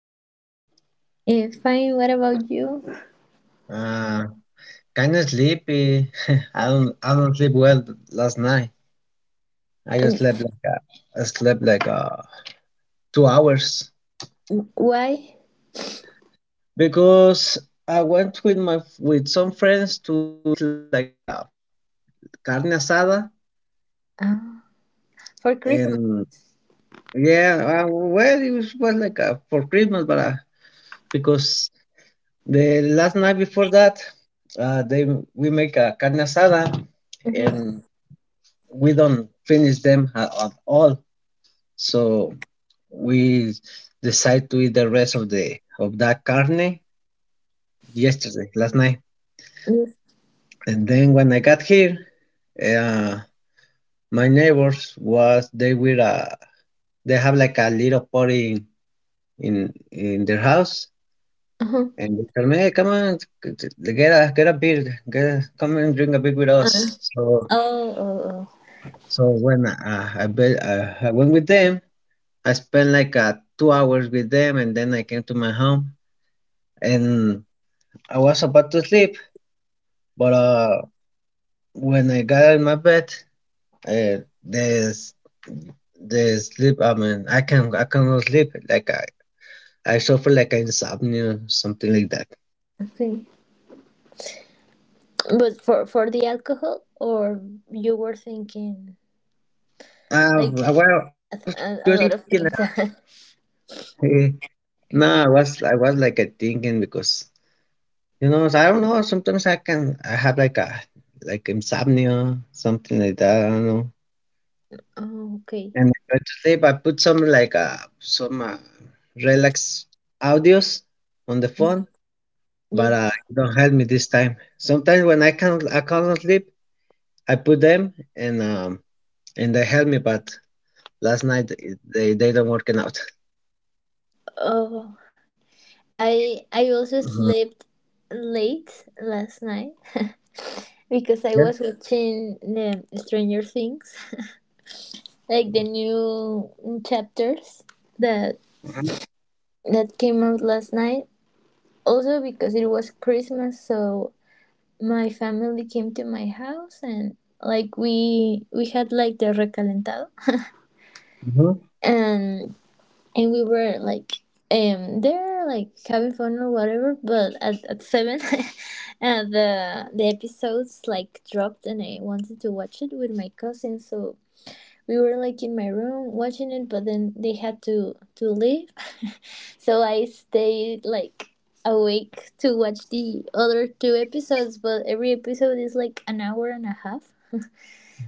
How are you? Fine. What about you? Uh, Kind of sleepy. I don't sleep well last night. I just Um, slept like uh, I slept like 2 hours why? because I went with some friends to eat like a carne asada. Uh, for Christmas. And yeah, well, it was like for Christmas, but because the last night before that, we make a carne asada, hmm and we don't finish them at all. So we decided to eat the rest of that carne yesterday, last night. Yes. And then when I got here, uh, my neighbors was they were they have like a little party in their house, Uh-huh. and they tell me, hey, come on, get a beer, come and drink a beer with us. Uh, So oh, oh, oh. When I went with them. I spent like 2 hours with them, and then I came to my home, and I was about to sleep, but when I got in my bed, there's the sleep. I mean, I cannot sleep. Like I suffer like insomnia, something like that. Okay. But for the alcohol, or you were thinking like I a, was just a lot thinking of like things. no, I was like a thinking because so I don't know. Sometimes I have like a like insomnia, something like that. I don't know. Oh, okay. And I try to sleep. I put some like some relax audios on the phone, but Yes. It don't help me this time. Sometimes when I can't sleep, I put them, and they help me. But last night they don't working out. Oh, I also Hmm. slept late last night, because I Yeah. was watching the Stranger Things, like the new chapters that that came out last night. Also because it was Christmas, so my family came to my house, and like we had like the recalentado, Mm-hmm. and and we were like, there like having fun or whatever, but at seven the episodes like dropped, and I wanted to watch it with my cousin, so we were like in my room watching it, but then they had to leave. So I stayed like awake to watch the other two episodes, but every episode is like an hour and a half,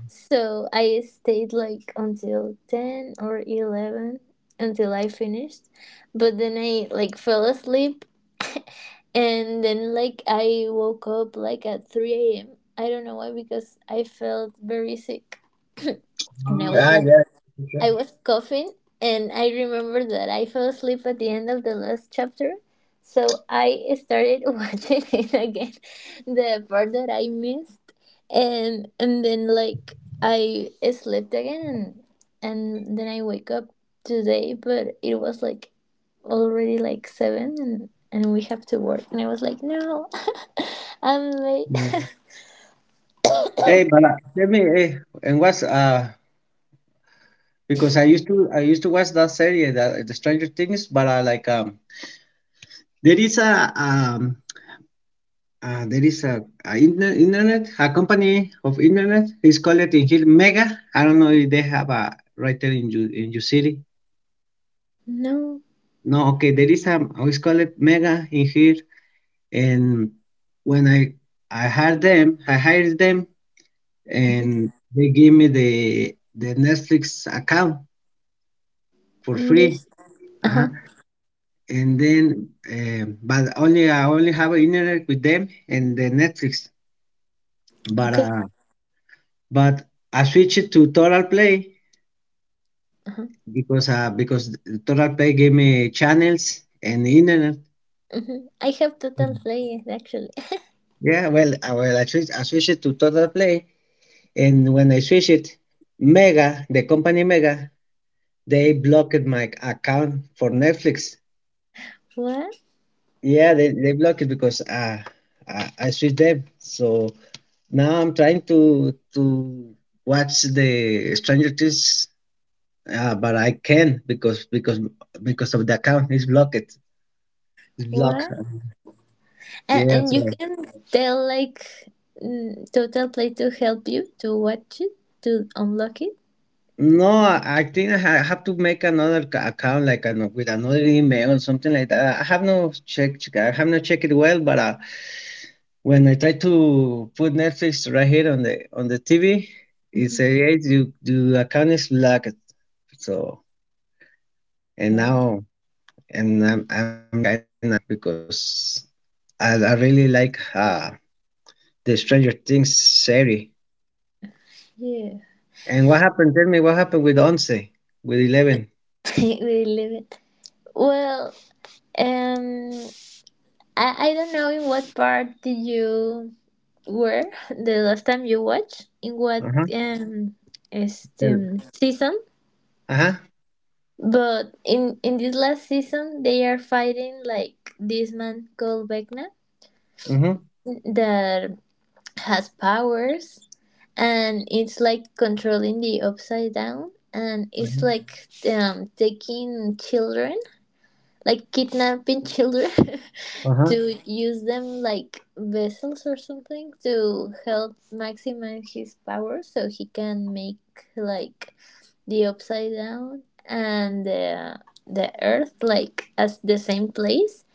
so I stayed like until 10 or 11 until I finished. But then I like fell asleep, and then like I woke up like at 3 a.m. I don't know why, because I felt very sick, and I was Ah, like, yeah, that's for I sure. was coughing, and I remember that I fell asleep at the end of the last chapter. So I started watching it again, the part that I missed, and then like I slept again, and then I wake up today, but it was like already like seven, and we have to work, and I was like, no, I'm Yeah. late. Hey, but tell me, hey, and what's because I used to watch that series, the Stranger Things, but I like there is a um there is a interne- internet, a company of internet. It's called in here Mega. I don't know if they have a right there in your city. No. No, okay. There is a oh, it's called Mega in here. And when I hired them, Mhm. and they gave me the Netflix account for free. Just uh Uh-huh. huh, And then, but only I only have internet with them and the Netflix. But okay. But I switched to Total Play Uh huh. Because Total Play gave me channels and internet. Mhm. I have total Mm. players actually. Yeah, well, well, I switched it to Total Play. And when I switched it, Mega, the company Mega, they blocked my account for Netflix. What? Yeah, they blocked it because I switched them. So now I'm trying to watch the Stranger Things, but I can't because of the account is blocked. It's blocked. What? And, Yeah, and you so can tell like, mm, total play to help you to watch it, to unlock it. no, I think have to make another account, like with another email or something like that. I have not checked it well, but when I try to put Netflix right here on the TV, it Mhm. says hey, you the account is locked. So and Oh now, and I'm kinda, because I really like the Stranger Things series. yeah, And what happened? Tell me what happened with Once, with Eleven. we live it. Well, um, I don't know in what part did you were the last time you watched in what Uh huh. Este, season. Uh huh. But in this last season they are fighting like this man called Vecna Mm-hmm. that has powers, and it's like controlling the upside down, and it's like, taking children, like kidnapping children, Uh-huh. to use them like vessels or something to help maximize his power, so he can make like the upside down and the earth like as the same place.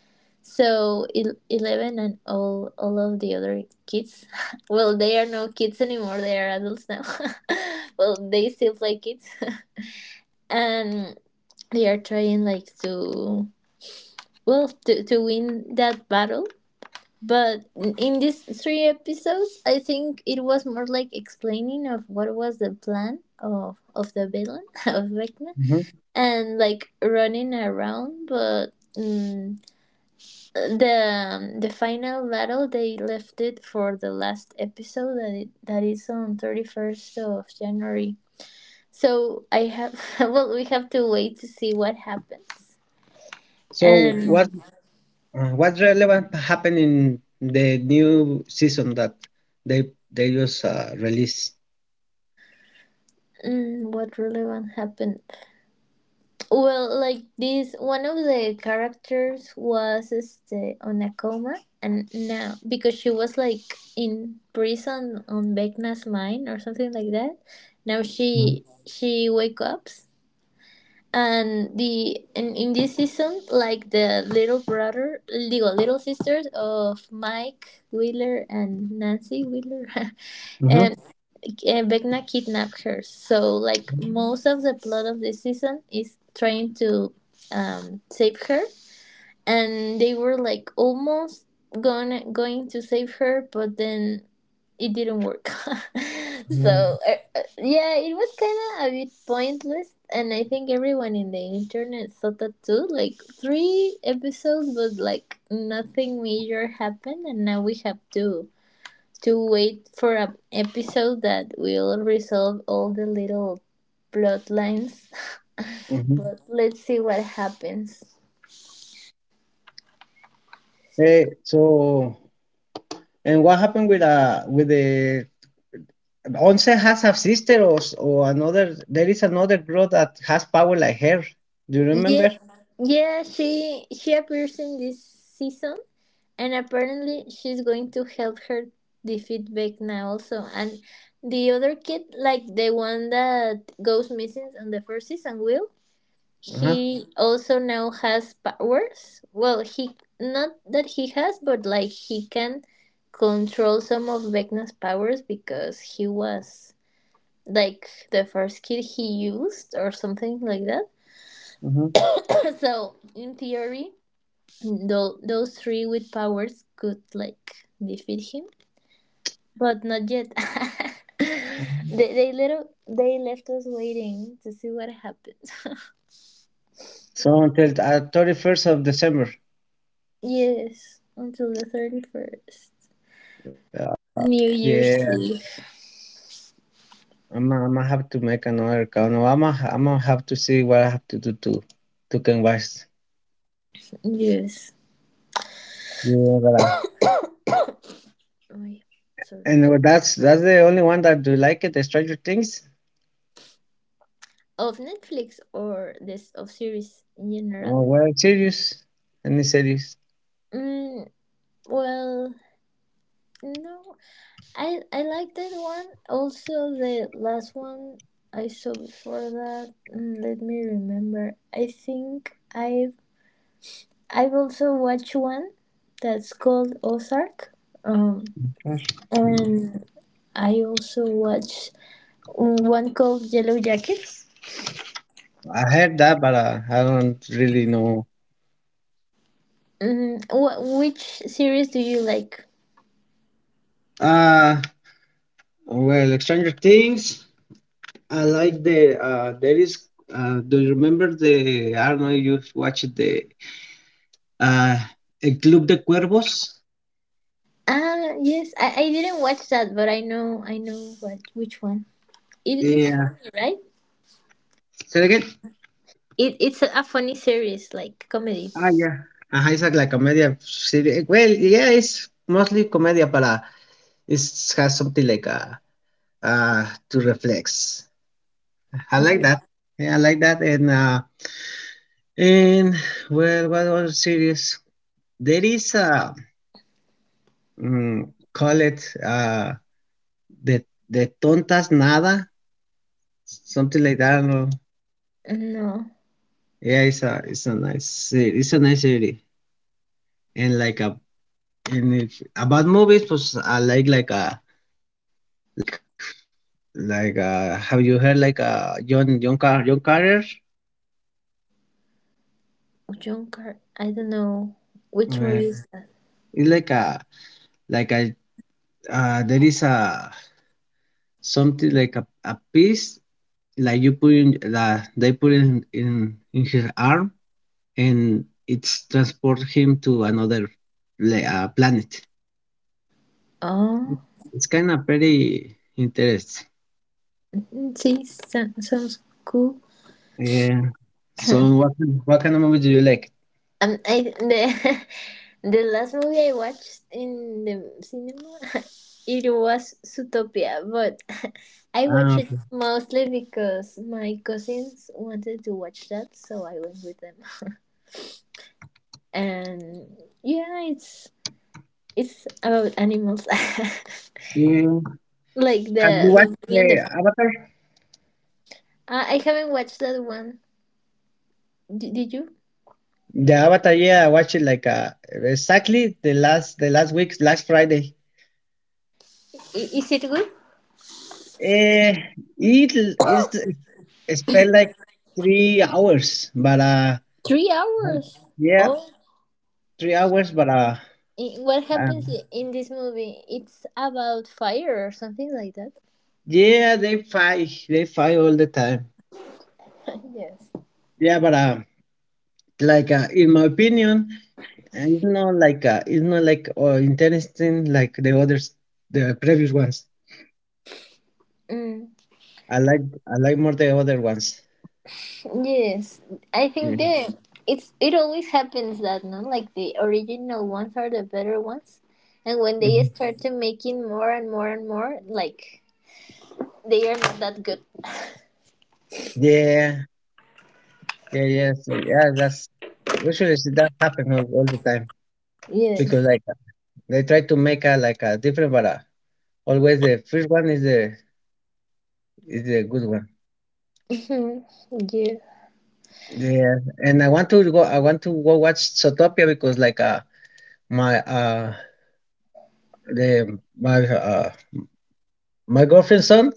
So 11 and all of the other kids. Well, they are no kids anymore. They are adults now. Well, they still play kids, and they are trying like to, well, to win that battle. But in these three episodes, I think it was more like explaining of what was the plan of the villain, of Vecna, Hmm. and like running around, but. Mm, the, the final battle they left it for the last episode that that is on 31st of January. So I have well we have to wait to see what happens. So what And, what's relevant happened in the new season that they just released? mm, what relevant happened? Well, like this, one of the characters was este, on a coma, and now, because she was like in prison on Vecna's mine or something like that. Now Mm-hmm. She wake ups, and the, and in this season, like the little brother, little sisters of Mike Wheeler and Nancy Wheeler, and, and Vecna kidnapped her, so like most of the plot of this season is trying to, save her. And they were like almost going to save her, but then it didn't work. So yeah, it was kind of a bit pointless, and I think everyone in the internet saw that too. Like three episodes, but like nothing major happened, and now we have to wait for an episode that will resolve all the little plot lines. Mm-hmm. But let's see what happens. Hey, so and what happened with the Once has a sister, or another, there is another girl that has power like her. Do you Yeah, remember? yeah, she appears in this season, and apparently she's going to help her defeat Vecna also. And the other kid, like the one that goes missing on the first season, Will, Uh-huh. he also now has powers. Well, he not that he has, but like he can control some of Vecna's powers, because he was like the first kid he used or something like that. Mm-hmm. So in theory, those three with powers could like defeat him, but not yet. They little they left us waiting to see what happens. So until 31st of December, Yes, until the 31st, uh, New the Year's Eve. I'm I'ma have to make another account. No, I'ma have to see what I have to do to can. Yes. Yeah, Oh, yeah. Sorry. and that's the only one that do like it. The Stranger Things. Of Netflix, or this of series in general? Oh, well, serious. Any series? Mm, well, no, I like that one. Also, the last one I saw before that. Let me remember. I think I I've also watched one that's called Ozark, um, I and I also watched one called Yellow Jackets. heard that, but I don't really know. Which series do you like? Uh well, Stranger Things. I like there is do you remember the I don't know, you've watched the uh El Club de Cuervos? Ah, yes, I didn't watch that, but I know what which one. It's funny, Yeah. right? Say it again. It's a funny series, like comedy. Ah, yeah. Ajá, it's like, a media series. Well, yeah, it's mostly comedia, but it has something like uh, to reflex. I like Mhm. that. Yeah, I like that. And and well, what other series? There is a mm, call it the the tontas nada, something like that. I don't know. No, Yeah, it's a nice series. It's a nice series. And like a and if, about movies, was I like a like. Like, have you heard like John Carter? John Car. I don't know which Uh, movie is that. it's like a there is a something like a piece, like you put in that they put in his arm, and it's transport him to another planet. Oh, It's kind of pretty interesting. see, sounds cool. Yeah. So what kind of movie do you like? I the the last movie I watched in the cinema, it was Zootopia, but I watched Ah, it okay. mostly because my cousins wanted to watch that, so I went with them. And yeah, it's about animals, Mm. like Have you watched the bunny and the. the Avatar? I haven't watched that one. Did you? The Avatar, yeah, I watched it like exactly the last week, last Friday. Is it good? Eh, it is it spent like 3 hours, but 3 hours. yeah, Oh. 3 hours, but what uh happens in this movie? It's about fire or something like that. yeah, they fight all the time. Yes. Yeah, but like in my opinion, and it's not like interesting like the others, the previous ones. Mm, I like I like more the other ones. yes, I Yeah. think the it's it always happens that no, like the original ones are the better ones, and when they Mhm. start to making more and more and more, like they are not that good. Yeah, yeah, yes, yeah. That's usually see, that happen all the time, because Yes. like they try to make a like a different, but always the first one is the good one. Mhm, yeah. Yeah, and I want to go. I want to go watch Zootopia because like my the my my girlfriend's son.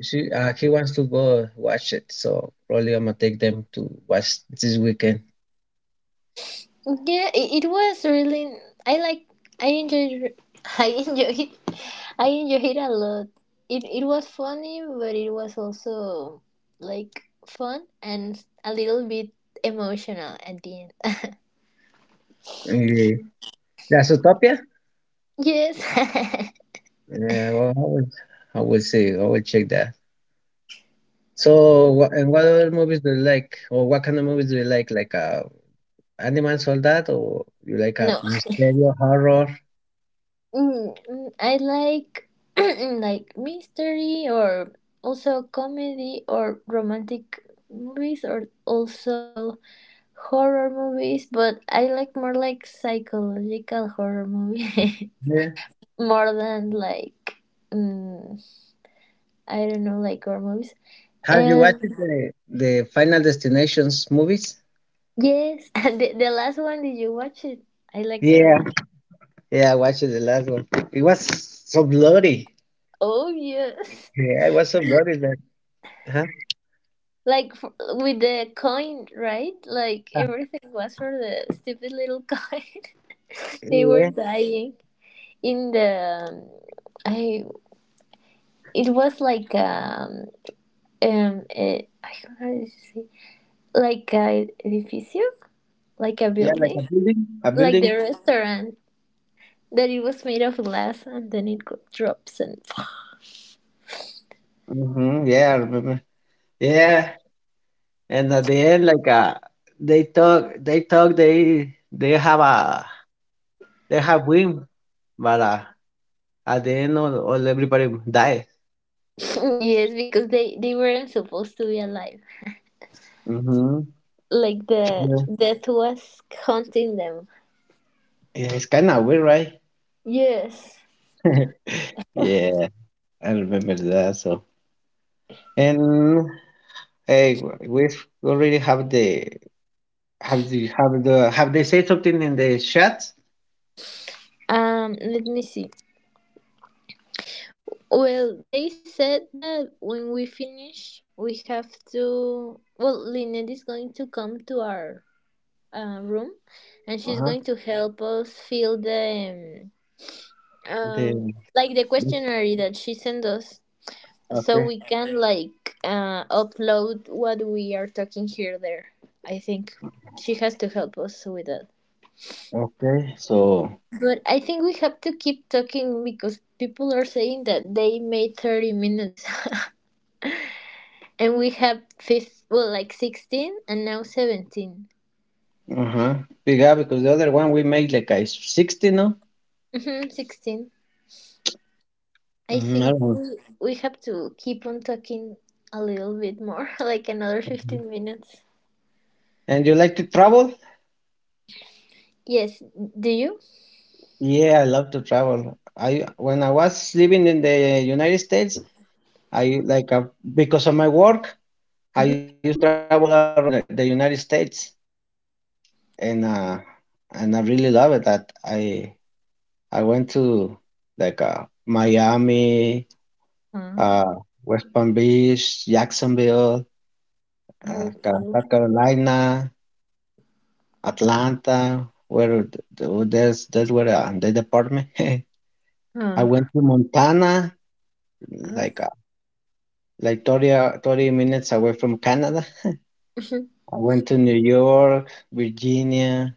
She he wants to go watch it. So probably I'm gonna take them to watch this weekend. Yeah, it was really. I like. I enjoyed. I enjoyed. I enjoyed it a lot. It was funny, but it was also like fun and a little bit emotional at the end. Yeah, that's Zootopia. Yes. Yeah, well, I will see. I will check that. So wha and what other movies do you like, or what kind of movies do you like? Like Animal Soldat, or you like a No. mystery horror? I like like mystery, or also comedy or romantic movies, or also horror movies, but I like more like psychological horror movie, Yeah. more than like, mm, I don't know, like horror movies. Have you watched And the Final Destinations movies? yes, the last one, did you watch it? I like that Yeah, one. yeah, I watched the last one. It was so bloody. Oh yes. Yeah, it was so bloody, like. Huh? Like f with the coin, right? Like everything was for the stupid little coin. They were Yeah, dying in the, I it was like I don't know how to say, like a edificio, like a yeah, like building, a building. A like the building. restaurant that it was made of glass and then it drops and Mm-hmm. Yeah, I remember. Yeah, and at the end, like they have a they have win, but at the end, all everybody died. yes, because they weren't supposed to be alive. Mm-hmm. Like the Yeah. death was haunting them. Yeah, it's kind of weird, right? Yes. Yeah, I remember that. So and hey, we already have the have they said something in the chat? Let me see. Well, they said that when we finish, we have to. Well, Lynette is going to come to our room, and Uh she's huh. going to help us fill the um, The um like the questionnaire that she sent us, so okay, we can like upload what we are talking here there. I think she has to help us with that. okay. So But I think we have to keep talking, because people are saying that they made 30 minutes and we have fifth well like 16, and now 17. uh huh. Yeah, because the other one we made like a 60, no? 16, i Mm-hmm. I think don't know. we, we have to keep on talking a little bit more, like another 15 minutes. And you like to travel? Yes, do you? Yeah, I love to travel. I when I was living in the United States, I like because of my work, I Mhm. used to travel all around the United States, and uh, and I really love it. That I went to like Miami, Ah, uh, West Palm Beach, Jacksonville, okay. South Carolina, Atlanta, where there's that's where they deport me. I Oh, went to Montana, oh. like like 30, 30 minutes away from Canada. I went to New York, Virginia,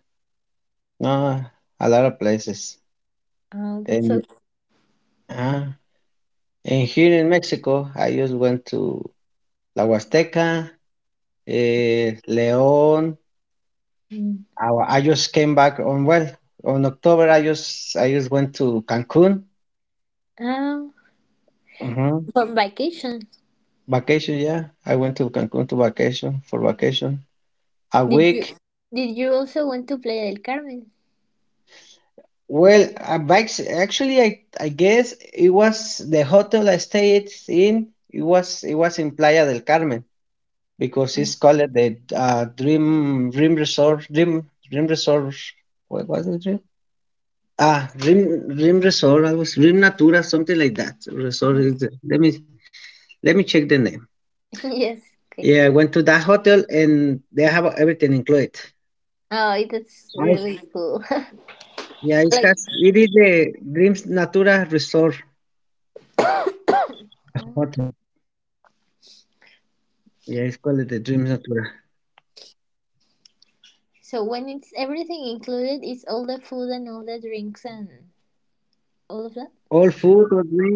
no, a lot of places. Oh, that's so And uh, and here in Mexico, I just went to La Huasteca, eh, León. cool. I just came back on well on October. I just went to Cancun. Um, Mhm. for vacation, Vacation, yeah. I went to Cancun to vacation for vacation, a did you week. did you also went to Playa del Carmen? Well, bikes. Actually, I guess it was the hotel I stayed in. It was in Playa del Carmen because it's called the Dream Dream Resort Dream Dream Resort. What was the dream? Ah, Dream Resort. I was Dream Natura, something like that. Resort. Is the- let me check the name. Yes. Okay. Yeah, I went to that hotel and they have everything included. Oh, that's Right. really cool. Yeah, it Like, has. It is the Dreams Natura Resort, the oh, hotel. Yeah, it's called the Dreams Natura. so when it's everything included, it's all the food and all the drinks and all of that. All food or drink?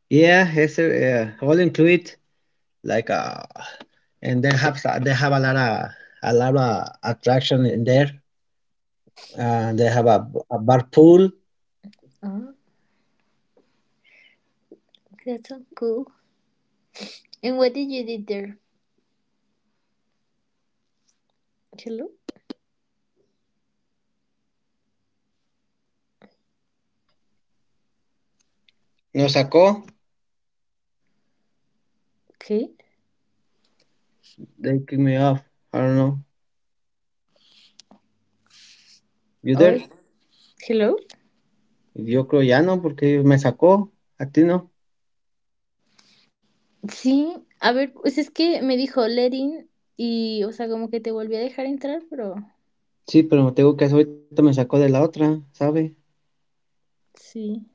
Yeah, it's all include, like and they have a lot of a lot of. Oh, that's so cool. And what did you did there? Hello. Nos sacó. Okay. They kicked me off. I don't know. You Oh, there? hello. Yo creo ya no, porque me sacó. A ti no. Sí, a ver, pues es que me dijo let in y, o sea, como que te volví a dejar entrar, pero Sí, pero tengo que hacer ahorita me sacó de la otra, ¿sabe? sí.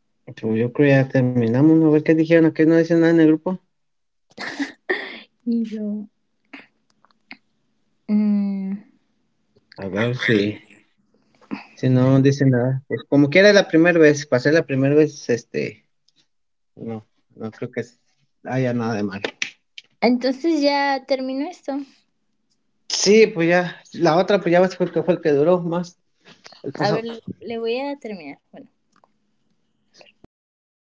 Pero yo creo ya terminamos, ¿no? A ver qué dijeron. ¿A qué no dicen nada en el grupo? Y yo, mm, A ver si, si no dicen nada. Pues como quiera la primera vez. Pasé la primera vez, este. No, no creo que haya nada de malo. entonces ya terminó esto. Sí, pues ya. La otra, pues ya ves, fue el que duró más. El A ver, pasado. le voy a terminar. Bueno. Ujú.